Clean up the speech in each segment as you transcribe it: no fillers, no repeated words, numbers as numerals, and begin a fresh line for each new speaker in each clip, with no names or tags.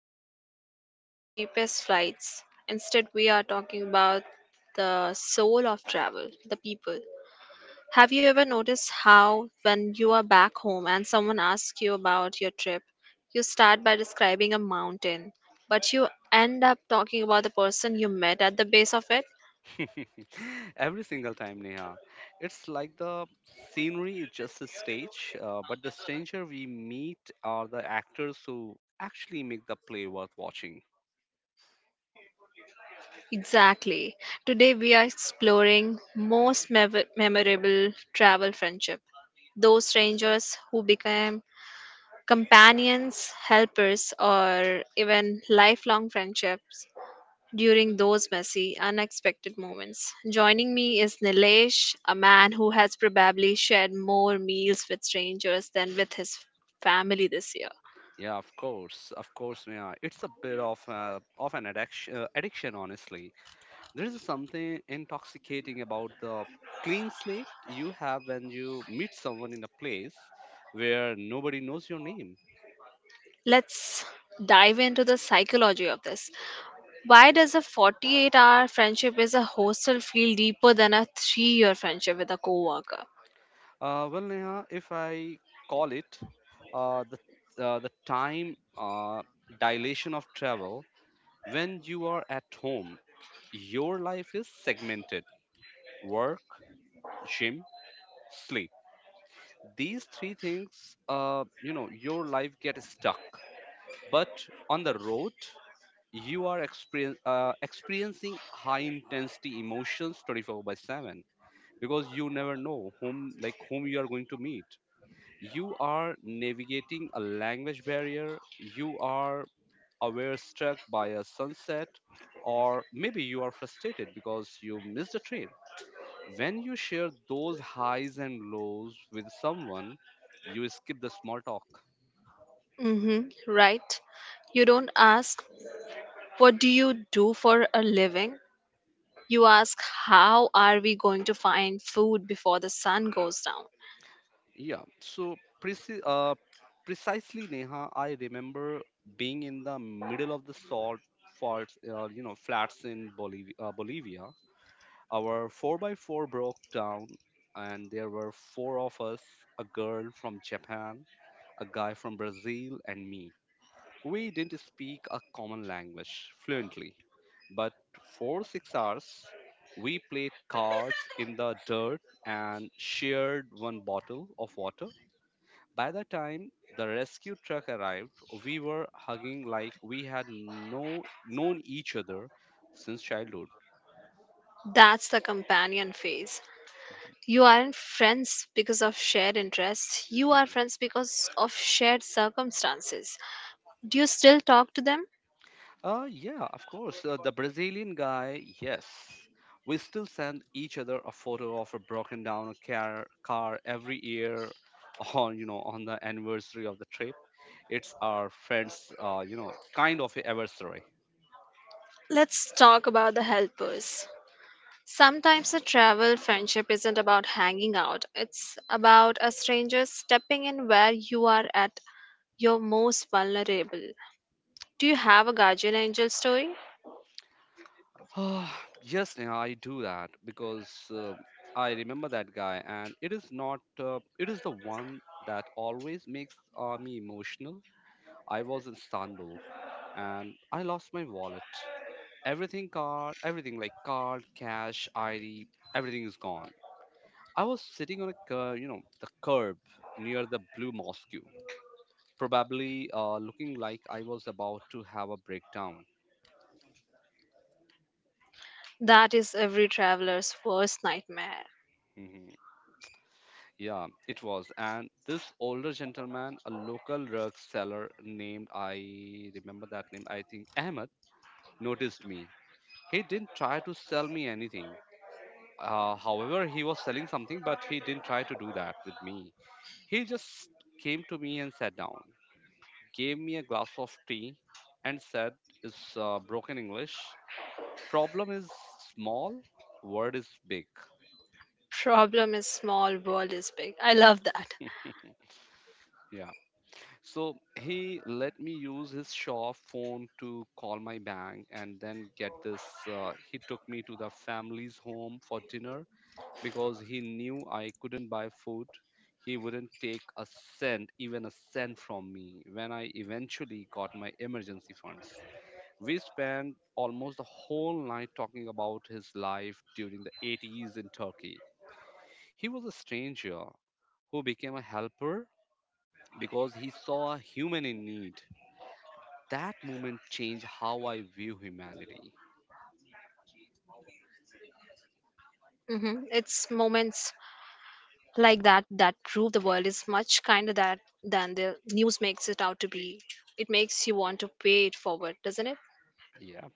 hotels or the cheapest flights. Instead, we are talking about the soul of travel, the people. Have you ever noticed how, when you are back home and someone asks you about your trip, you start by describing a mountain, but you end up talking about the person you met at the base of it?
Every single time, Neha. It's like the scenery is just a stage, but the stranger we meet are the actors who actually make the play worth watching.
Exactly. Today we are exploring most memorable travel friendship. Those strangers who became companions, helpers or even lifelong friendships during those messy unexpected moments. Joining me is Nilesh, a man who has probably shared more meals with strangers than with his family this year.
Yeah, of course, Neha. It's a bit of of an addiction, addiction, honestly. There is something intoxicating about the clean slate you have when you meet someone in a place where nobody knows your name.
Let's dive into the psychology of this. Why does a 48-hour friendship as a hostel feel deeper than a 3 year friendship with a coworker?
Well, Neha, if I call it uh, the the time dilation of travel. When you are at home, your life is segmented: work, gym, sleep. These three things, your life gets stuck. But on the road, you are experiencing high intensity emotions 24 by 7, because you never know whom you are going to meet. You are navigating a language barrier, you are aware struck by a sunset, or maybe you are frustrated because you missed a train. When you share those highs and lows with someone, you skip the small talk.
Mm-hmm, right. You don't ask, what do you do for a living? You ask, how are we going to find food before the sun goes down?
Yeah, so preci- uh, precisely, Neha, I remember being in the middle of the salt flats in Bolivia. Our 4 by 4 broke down, and there were four of us: a girl from Japan, a guy from Brazil, and me. We didn't speak a common language fluently, but for 6 hours, we played cards in the dirt and shared one bottle of water. By the time the rescue truck arrived, we were hugging like we had no, known each other since childhood.
That's the companion phase. You aren't friends because of shared interests. You are friends because of shared circumstances. Do you still talk to them?
Yeah, of course. The Brazilian guy, yes. We still send each other a photo of a broken down car every year on the anniversary of the trip. It's our friends, kind of a anniversary.
Let's talk about the helpers. Sometimes a travel friendship isn't about hanging out, it's about a stranger stepping in where you are at your most vulnerable. Do you have a guardian angel story?
Ah, yes, Neha, I do that because I remember that guy, and it is not, it is the one that always makes me emotional. I was in Istanbul and I lost my wallet. Everything card, everything like card, cash, ID, everything is gone. I was sitting on a the curb near the Blue Mosque, probably looking like I was about to have a breakdown.
That is every traveler's worst nightmare.
Mhm. Yeah, it was. And this older gentleman, a local drug seller named, I remember that name, I think Ahmed, noticed me. He didn't try to sell me anything. However, he was selling something, but he didn't try to do that with me. He just came to me and sat down, gave me a glass of tea, and said, "It's broken English. Problem is small, word is big."
Problem is small, world is big. I love that.
Yeah. So he let me use his shop phone to call my bank and then get this. He took me to the family's home for dinner because he knew I couldn't buy food. He wouldn't take a cent, even a cent from me when I eventually got my emergency funds. We spent almost the whole night talking about his life during the 80s in Turkey. He was a stranger who became a helper because he saw a human in need. That moment changed how I view humanity.
Mm-hmm. It's moments like that that prove the world is much kinder that than the news makes it out to be. It makes you want to pay it forward, doesn't it?
Yeah,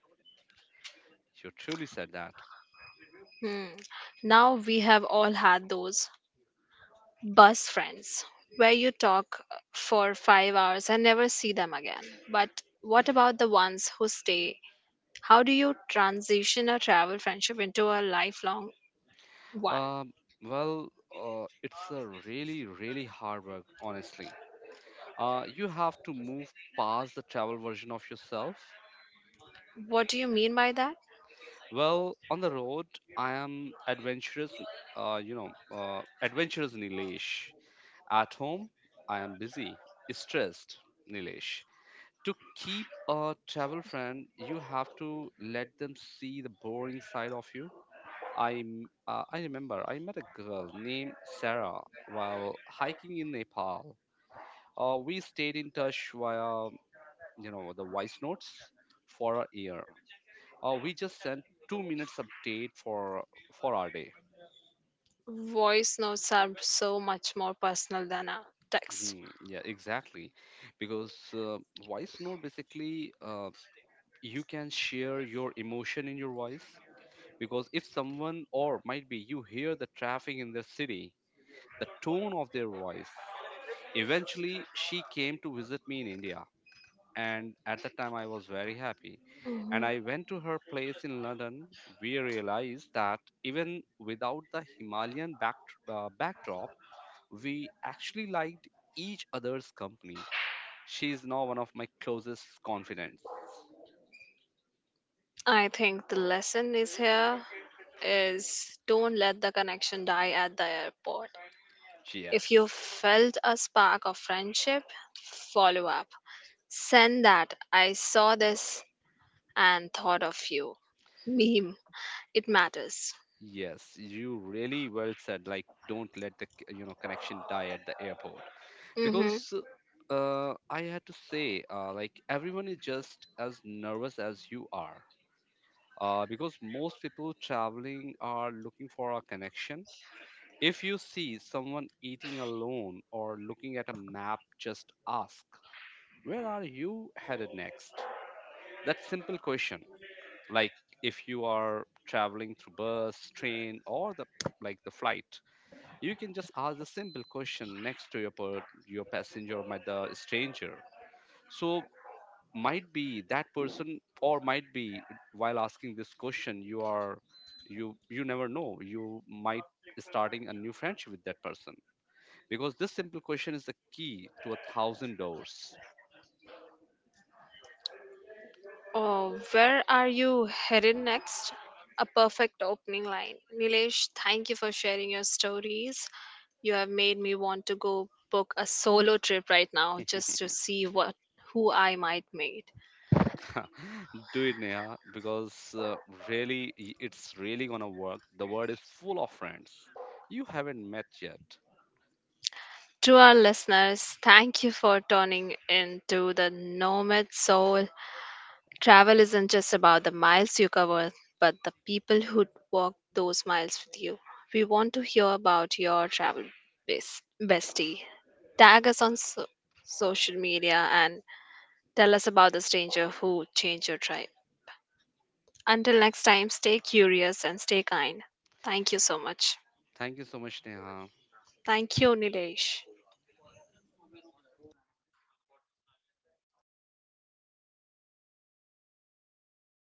you truly said that.
Hmm. Now we have all had those bus friends where you talk for 5 hours and never see them again. But what about the ones who stay? How do you transition a travel friendship into a lifelong one?
Um, well, it's a really, really hard work, honestly. You have to move past the travel version of yourself.
What do you mean by that?
Well, on the road, I am adventurous, adventurous Nilesh. At home, I am busy, stressed Nilesh. To keep a travel friend, you have to let them see the boring side of you. I I remember I met a girl named Sarah while hiking in Nepal. We stayed in touch via the voice notes for a year. We just sent 2 minutes update for our day.
Voice notes are so much more personal than a text.
Yeah, exactly. Because voice note basically, you can share your emotion in your voice. Because if someone or might be you hear the traffic in the city, the tone of their voice. Eventually, she came to visit me in India, and at that time I was very happy. And I
Mhm.
went to her place in London. We realized that even without the backdrop, we actually liked each other's company. She is now one of my closest confidants.
I think the lesson is here is don't let the connection die at the airport. If you
Yes.
felt a spark of friendship, follow up. Send that I saw this and thought of you. Meme. It matters.
Yes, you really well said. Like, don't let the connection die at the airport.
Mm-hmm.
Because I had to say, everyone is just as nervous as you are. Because most people traveling are looking for a connection. If you see someone eating alone or looking at a map, just ask, "Where are you headed next?" That simple question. Like, if you are traveling through bus, train, or the like the flight, you can just ask the simple question next to your passenger or my, the stranger. So might be that person or might be, while asking this question, you are you never know, you might starting a new friendship with that person, because this simple question is the key to a thousand doors.
Oh, where are you headed next? A perfect opening line. Nilesh, thank you for sharing your stories. You have made me want to go book a solo trip right now just to see what who I might meet.
Do it, Neha, because it's really gonna work. The world is full of friends you haven't met yet.
To our listeners, thank you for tuning into the Nomad Soul. Travel isn't just about the miles you cover, but the people who walk those miles with you. We want to hear about your travel bestie. Tag us on social media and tell us about the stranger who changed your tribe. Until next time, stay curious and stay kind. Thank you so much.
Thank you so much, Neha.
Thank you, Nilesh.